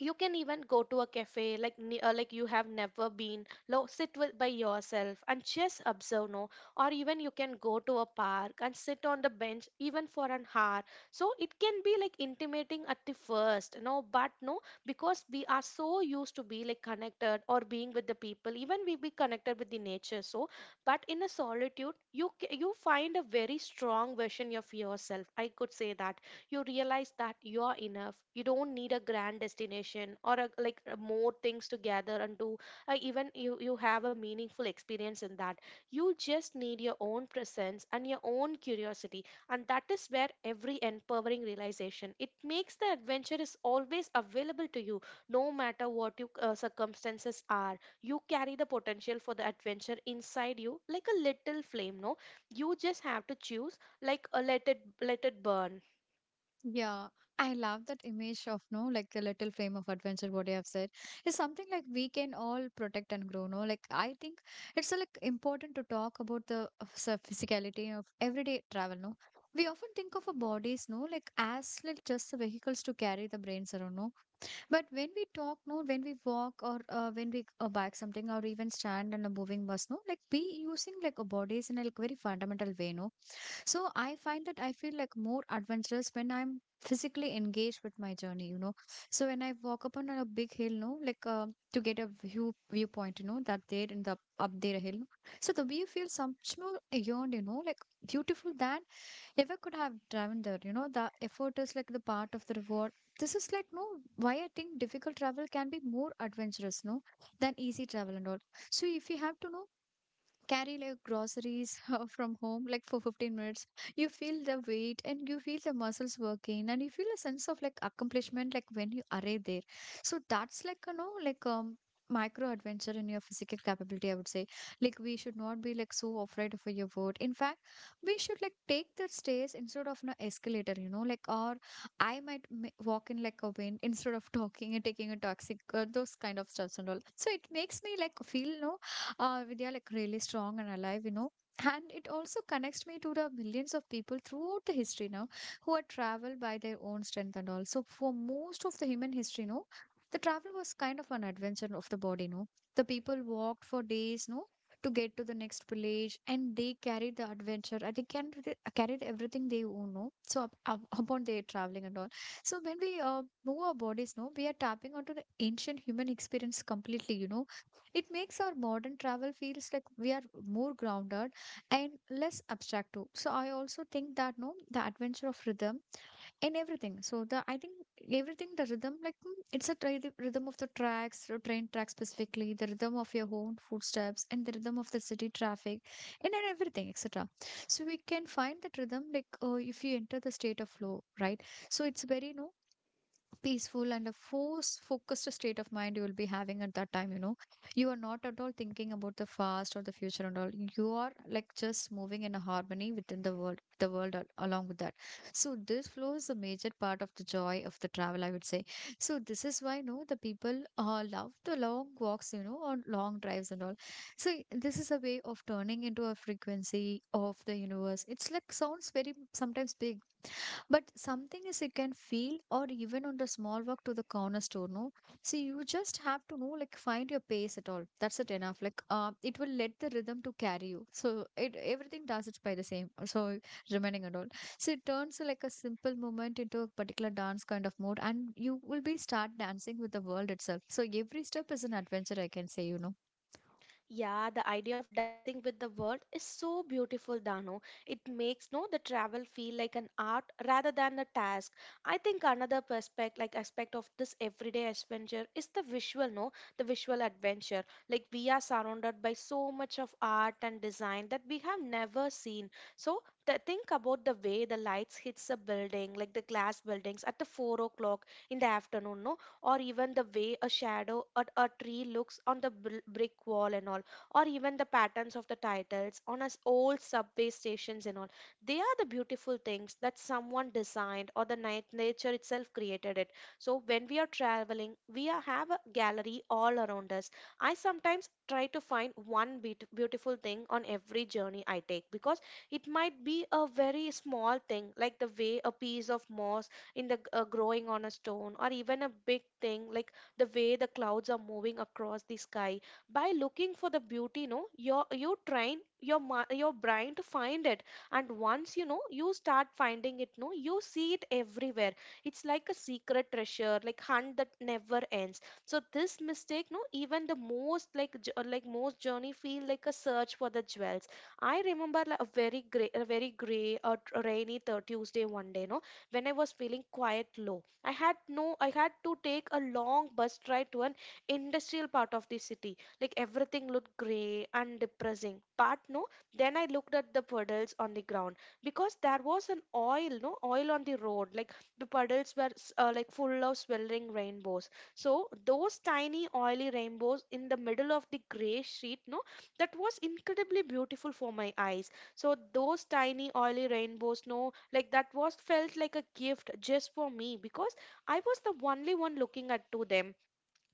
you can even go to a cafe like you have never been lo sit with by yourself and just observe, no. Or even you can go to a park and sit on the bench even for an hour. So it can be like intimating at the first, no, but no, because we are so used to be like connected or being with the people, even we be connected with the nature, so. But in a solitude you find a very strong version of yourself, I could say that. You realize that you are enough. You don't need a grand destination or like more things to gather and do. Even you have a meaningful experience in that. You just need your own presence and your own curiosity, and that is where every empowering realization it makes the adventure is always available to you, no matter what your circumstances are. You carry the potential for the adventure inside you like a little flame, no. You just have to choose like, let it burn. Yeah, I love that image of no, like the little flame of adventure. What you have said is something like we can all protect and grow. No, like I think it's like important to talk about the so physicality of everyday travel. No, we often think of our bodies, no, like as like just the vehicles to carry the brains around. No, but when we talk, no, when we walk or when we bike something or even stand on a moving bus, no, like we using like a bodies in a like very fundamental way, no. So I find that I feel like more adventurous when I'm physically engaged with my journey, you know. So when I walk up on a big hill, no, like to get a view viewpoint, you know, that there in the up there hill, no. So the view feels much more beyond, you know, like beautiful than ever could have driven there, you know. The effort is like the part of the reward. This is like no why I think difficult travel can be more adventurous, no, than easy travel and all. So if you have to know carry like groceries from home like for 15 minutes, you feel the weight and you feel the muscles working and you feel a sense of like accomplishment like when you arrive there. So that's like, you know, like micro adventure in your physical capability, I would say. Like we should not be like so afraid of your word. In fact, we should like take the stairs instead of an escalator, you know, like, or I walk in like a wind instead of talking and taking a toxic, those kind of stuffs and all. So it makes me like feel no, Vidya, like really strong and alive, you know. And it also connects me to the millions of people throughout the history now who are traveled by their own strength and all. So for most of the human history, no, the travel was kind of an adventure of the body, no. The people walked for days, no, to get to the next village, and they carried the adventure. And they can they carried everything they own, no. So upon their traveling and all. So when we move our bodies, no, we are tapping onto the ancient human experience completely, you know. It makes our modern travel feels like we are more grounded and less abstract too. So I also think that no, the adventure of rhythm and everything. So the I think everything the rhythm like it's a rhythm of the tracks, the train tracks specifically, the rhythm of your own footsteps, and the rhythm of the city traffic, and then everything, etc. So we can find that rhythm like if you enter the state of flow, right? So it's very no peaceful and a force focused state of mind you will be having at that time, you know. You are not at all thinking about the past or the future and all. You are like just moving in a harmony within the world, the along with that. So this flow is a major part of the joy of the travel, I would say. So this is why no the people love the long walks, you know, or long drives and all. So this is a way of turning into a frequency of the universe. It's like sounds very sometimes big, but something is you can feel or even on the small walk to the corner store, no? See, you just have to know, like find your pace at all. That's it enough. Like it will let the rhythm to carry you. So it everything does it by the same. So remaining and all. So it turns like a simple moment into a particular dance kind of mode and you will be start dancing with the world itself. So every step is an adventure, I can say, you know. Yeah, the idea of dancing with the world is so beautiful, Dano. It makes, no, the travel feel like an art rather than a task. I think another perspective, like aspect of this everyday adventure, is the visual, no, the visual adventure. Like we are surrounded by so much of art and design that we have never seen. So the, think about the way the lights hits a building, like the glass buildings at the 4 o'clock in the afternoon. No, or even the way a shadow at a tree looks on the brick wall and all, or even the patterns of the titles on us old subway stations and all. They are the beautiful things that someone designed or the night nature itself created it. So when we are traveling have a gallery all around us. I sometimes try to find one beautiful thing on every journey I take, because it might be a very small thing like the way a piece of moss in the growing on a stone, or even a big thing like the way the clouds are moving across the sky. By looking for the beauty, no, you train your your brain to find it, and once you know you start finding it, no, you see it everywhere. It's like a secret treasure like hunt that never ends. So this mistake, no, even the most like like most journey feel like a search for the jewels. I remember a very gray rainy Tuesday one day, no, when I was feeling quite low. I had no I had to take a long bus ride to an industrial part of the city. Like everything looked grey and depressing. But no, then I looked at the puddles on the ground, because there was an oil, no oil on the road. Like the puddles were like full of swirling rainbows. So those tiny oily rainbows in the middle of the grey sheet, no, that was incredibly beautiful for my eyes. So those tiny oily rainbow snow, like that was felt like a gift just for me, because I was the only one looking at to them.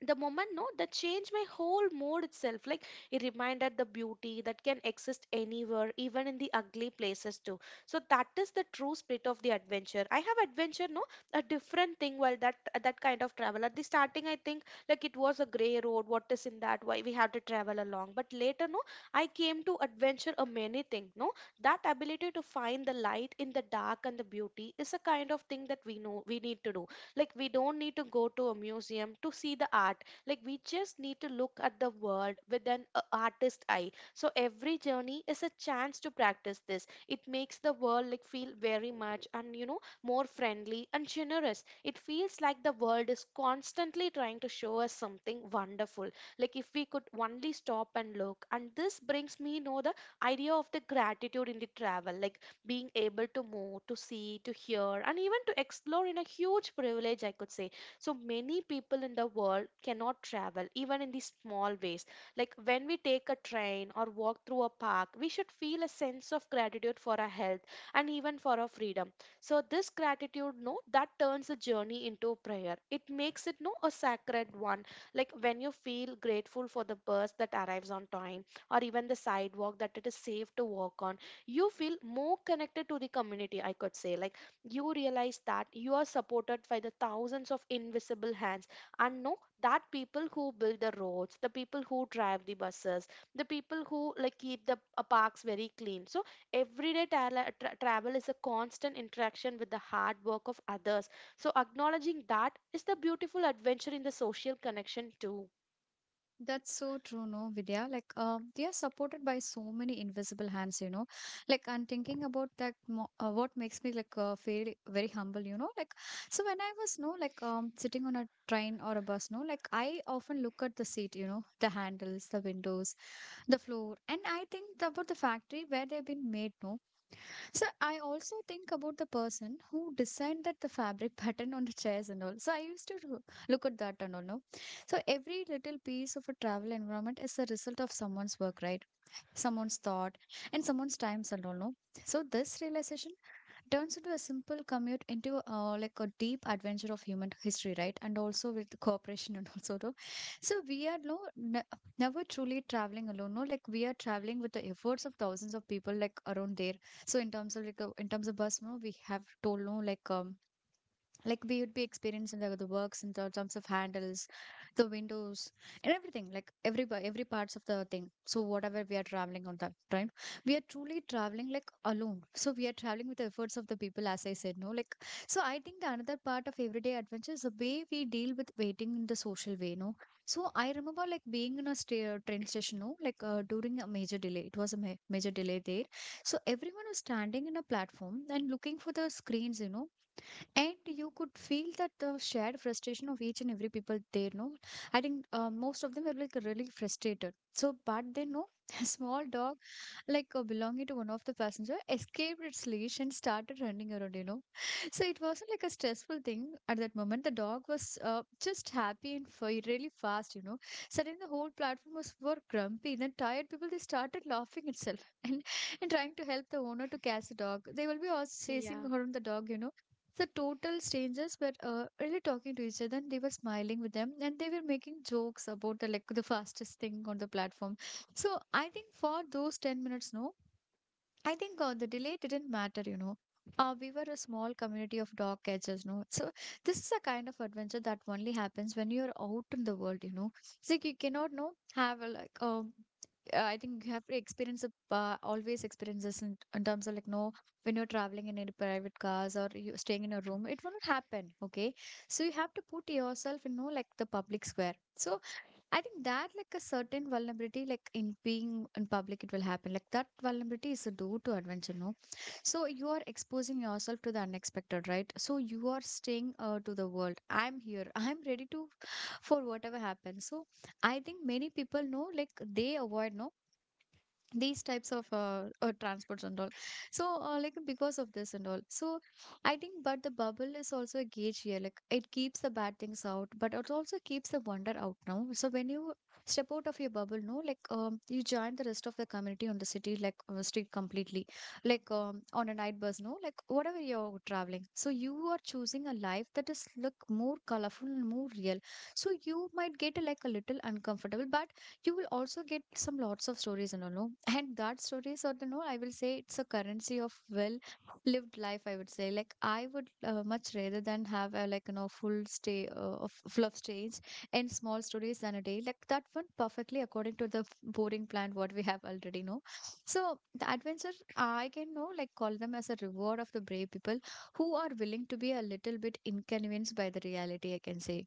The moment, no, that changed my whole mood itself. Like, it reminded the beauty that can exist anywhere, even in the ugly places too. So that is the true spirit of the adventure. I have adventure, no, a different thing. While that kind of travel at the starting, I think like it was a gray road, what is in that, why we have to travel along. But later, no, I came to adventure a many thing, no. That ability to find the light in the dark and the beauty is a kind of thing that we know we need to do. Like, we don't need to go to a museum to see the art. Like, we just need to look at the world with an artist eye. So, every journey is a chance to practice this. It makes the world like feel very much, and you know, more friendly and generous. It feels like the world is constantly trying to show us something wonderful. Like, if we could only stop and look. And this brings me, you know, the idea of the gratitude in the travel. Like, being able to move, to see, to hear, and even to explore in a huge privilege, I could say. So many people in the world cannot travel, even in these small ways. Like when we take a train or walk through a park, we should feel a sense of gratitude for our health, and even for our freedom. So this gratitude, no, that turns a journey into prayer. It makes it no a sacred one. Like when you feel grateful for the bus that arrives on time, or even the sidewalk that it is safe to walk on, you feel more connected to the community, I could say. Like, you realize that you are supported by the thousands of invisible hands, and know that people who build the roads, the people who drive the buses, the people who like keep the parks very clean. So everyday travel is a constant interaction with the hard work of others. So acknowledging that is the beautiful adventure in the social connection too. That's so true, no, Vidya. Like, they are supported by so many invisible hands, you know. Like, I'm thinking about that. Mo What makes me like feel very humble, you know. Like, so when I was no like sitting on a train or a bus, no, like I often look at the seat, you know, the handles, the windows, the floor, and I think about the factory where they've been made, no. So I also think about the person who designed that the fabric pattern on the chairs and all. So I used to look at that and all, no? So every little piece of a travel environment is the result of someone's work, right? Someone's thought and someone's times and all, no? So this realization turns into a simple commute into like a deep adventure of human history, right? And also with cooperation and also the so we are never truly traveling alone. No, like we are traveling with the efforts of thousands of people like around there. So in terms of like in terms of bus, no, we have told no like like we would be experiencing the works in terms of handles, the windows, and everything, like every parts of the thing. So whatever we are traveling on that time, we are truly traveling like alone. So we are traveling with the efforts of the people as I said, no, like. So I think the another part of everyday adventure is the way we deal with waiting in the social way, no. So I remember like being in a train station, no, like during a major delay. It was a major delay there. So everyone was standing in a platform and looking for the screens, you know, and you could feel that the shared frustration of each and every people there, no. I think most of them were like really frustrated, so but they know a small dog like belonging to one of the passenger escaped its leash and started running around, you know. So it wasn't like a stressful thing at that moment. The dog was just happy and really fast, you know. Suddenly the whole platform was were grumpy then tired people they started laughing itself and trying to help the owner to catch the dog. They will be also chasing Yeah. around the dog, you know. So total strangers were really talking to each other and they were smiling with them and they were making jokes about the like the fastest thing on the platform. So I think for those 10 minutes, no, I think the delay didn't matter, you know. We were a small community of dog catchers, no. So this is a kind of adventure that only happens when you're out in the world, you know. It's like you cannot no have a, like I think you have to experience always experiences in terms of like no when you're traveling in any private cars or you staying in a room it won't happen. Okay, so you have to put yourself in no like the public square. So I think that like a certain vulnerability like in being in public it will happen, like that vulnerability is a door to adventure no. So you are exposing yourself to the unexpected, right? So you are staying to the world, I'm here I'm ready to for whatever happens. So I think many people know like they avoid no these types of transports and all. So like because of this and all, so I think but the bubble is also a gauge here, like it keeps the bad things out but it also keeps the wonder out now. So when you step out of your bubble no, like you join the rest of the community on the city like street completely, like on a night bus no, like whatever you're traveling. So you are choosing a life that is look more colorful and more real. So you might get like a little uncomfortable, but you will also get some lots of stories and all no. And that stories or the no, I will say it's a currency of well lived life, I would say. Like I would much rather than have a like you know full stay of full of stage and small stories than a day like that one perfectly according to the boring plan what we have already know. So the adventure I can know like call them as a reward of the brave people who are willing to be a little bit inconvenienced by the reality, I can say.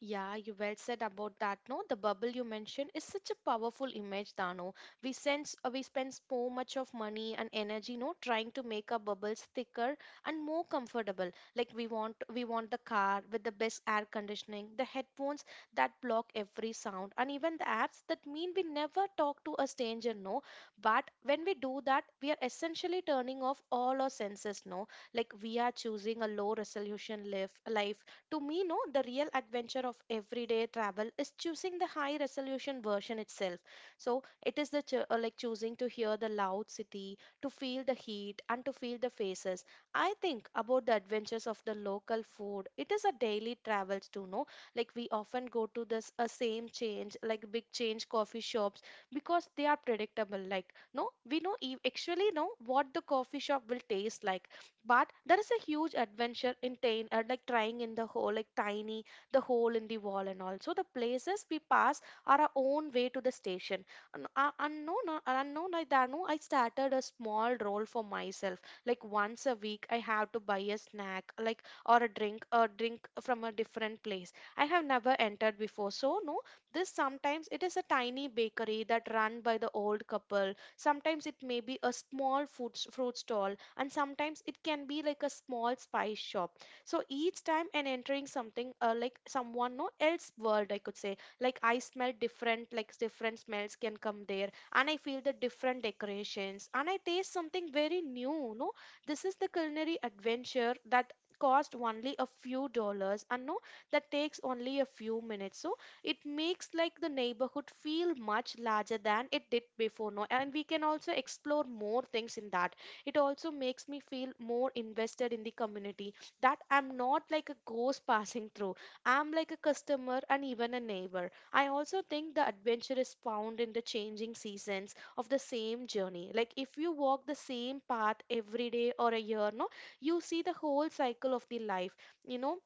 Yeah, you well said about that. No, the bubble you mentioned is such a powerful image, Dano. We spend so much of money and energy, no, trying to make our bubbles thicker and more comfortable. Like we want the car with the best air conditioning, the headphones that block every sound, and even the apps that mean we never talk to a stranger, no. But when we do that, we are essentially turning off all our senses, no. Like we are choosing a low resolution life to me, no, the real adventure of everyday travel is choosing the high resolution version itself. So it is the like choosing to hear the loud city, to feel the heat, and to feel the faces. I think about the adventures of the local food. It is a daily travels too, no? Like we often go to this a same change, like big change coffee shops, because they are predictable. Like no, we know actually know what the coffee shop will taste like, but there is a huge adventure in like trying in the hole, like tiny the hole in the wall, and also the places we pass are our own way to the station, and unknown like that. No, I started a small role for myself. Like, once a week I have to buy a snack, like, or a drink from a different place I have never entered before. So no, this sometimes it is a tiny bakery that run by the old couple, sometimes it may be a small food fruit stall, and sometimes it can be like a small spice shop. So each time and entering something like someone no else world, I could say. Like I smell different like different smells can come there, and I feel the different decorations, and I taste something very new, no. This is the culinary adventure that cost only a few dollars, and no, that takes only a few minutes. So it makes like the neighborhood feel much larger than it did before, no, and we can also explore more things in that. It also makes me feel more invested in the community, that I'm not like a ghost passing through. I'm like a customer and even a neighbor. I also think the adventure is found in the changing seasons of the same journey. Like if you walk the same path every day or a year, no, you see the whole cycle of the life, you know.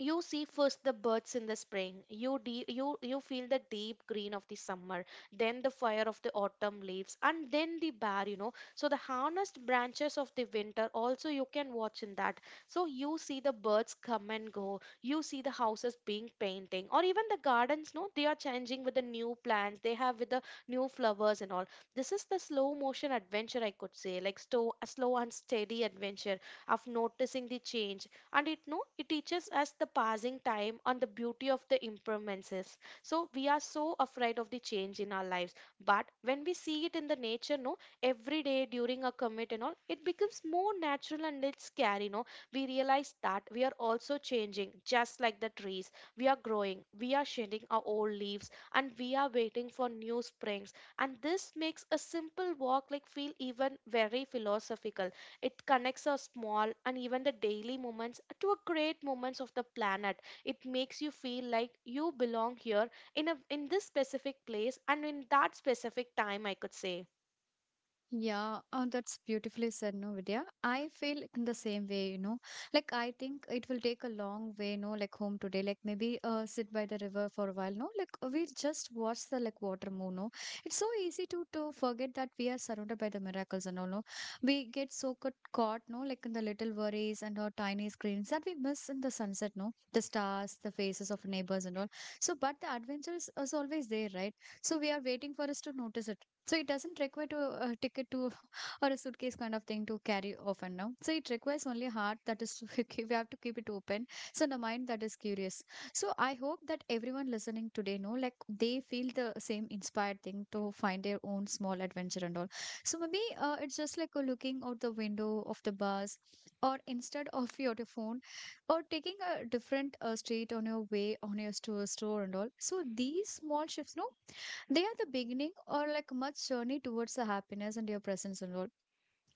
You see first the birds in the spring, you you feel the deep green of the summer, then the fire of the autumn leaves, and then the bare, you know, so the harnessed branches of the winter also you can watch in that. So you see the birds come and go, you see the houses being painting, or even the gardens, no, they are changing with the new plants they have, with the new flowers and all. This is the slow motion adventure, I could say. Like a slow and steady adventure of noticing the change. And it no it teaches us the passing time and the beauty of the impermanences. So we are so afraid of the change in our lives, but when we see it in the nature, no, every day during a commit and all, it becomes more natural and it's scary, no. We realize that we are also changing just like the trees. We are growing, we are shedding our old leaves, and we are waiting for new springs. And this makes a simple walk like feel even very philosophical. It connects our small and even the daily moments to a great moments of the planet. It makes you feel like you belong here in a in this specific place and in that specific time, I could say. Yeah, oh, that's beautifully said, no, Vidya. I feel in the same way, you know. Like, I think it will take a long way, no, like home today. Like, maybe sit by the river for a while, no. Like, we just watch the like water move, no. It's so easy to forget that we are surrounded by the miracles and all, no. We get so caught, no, like in the little worries and our tiny screens that we miss in the sunset, no. The stars, the faces of neighbors and all. So, but the adventure is always there, right? So we are waiting for us to notice it. So it doesn't require to a ticket to or a suitcase kind of thing to carry often now. So it requires only heart that is we have to keep it open. So the mind that is curious. So I hope that everyone listening today know like they feel the same inspired thing to find their own small adventure and all. So maybe it's just like looking out the window of the bus, or instead of your phone, or taking a different street on your way on your store and all. So these small shifts, no, they are the beginning or like much journey towards the happiness and your presence in world.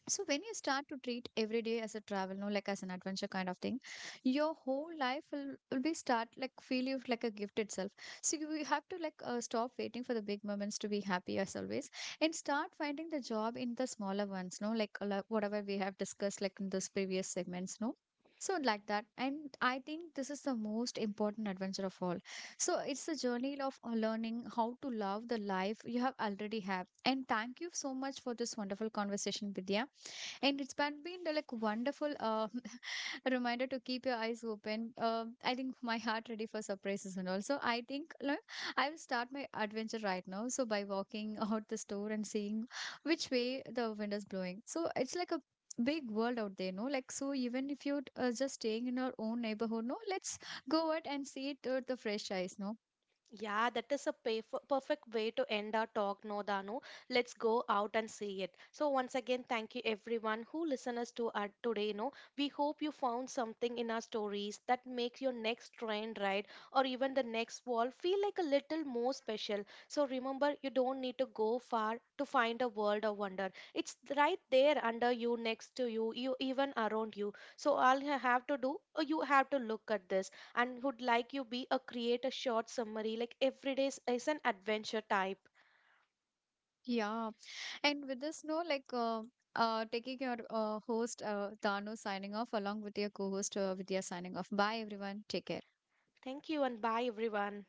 So when you start to treat every day as a travel, no, like as an adventure kind of thing, your whole life will be start like feel you like a gift itself. So you will have to like stop waiting for the big moments to be happy as always, and start finding the job in the smaller ones. No, like whatever we have discussed like in those previous segments. No. So like that, and I think this is the most important adventure of all. So it's a journey of learning how to love the life you have already have. And thank you so much for this wonderful conversation, Vidya. And it's been the, like wonderful reminder to keep your eyes open. I think my heart ready for surprises, and also I think like, I will start my adventure right now. So by walking out the store and seeing which way the wind is blowing. So it's like a big world out there, no? Like so even if you're just staying in our own neighborhood, no, let's go out and see it with the fresh eyes, no? Yeah, that is a perfect way to end our talk, no Danu. Let's go out and see it. So once again, thank you everyone who listen us to our today. No, we hope you found something in our stories that makes your next train ride or even the next wall feel like a little more special. So remember, you don't need to go far to find a world of wonder. It's right there under you, next to you, you even around you. So all you have to do, you have to look at this, and would like you be a create a short summary like every day is an adventure type. Yeah. And with this, no, like taking your host, Dano, signing off along with your co-host, Vidya, signing off. Bye, everyone. Take care. Thank you and bye everyone.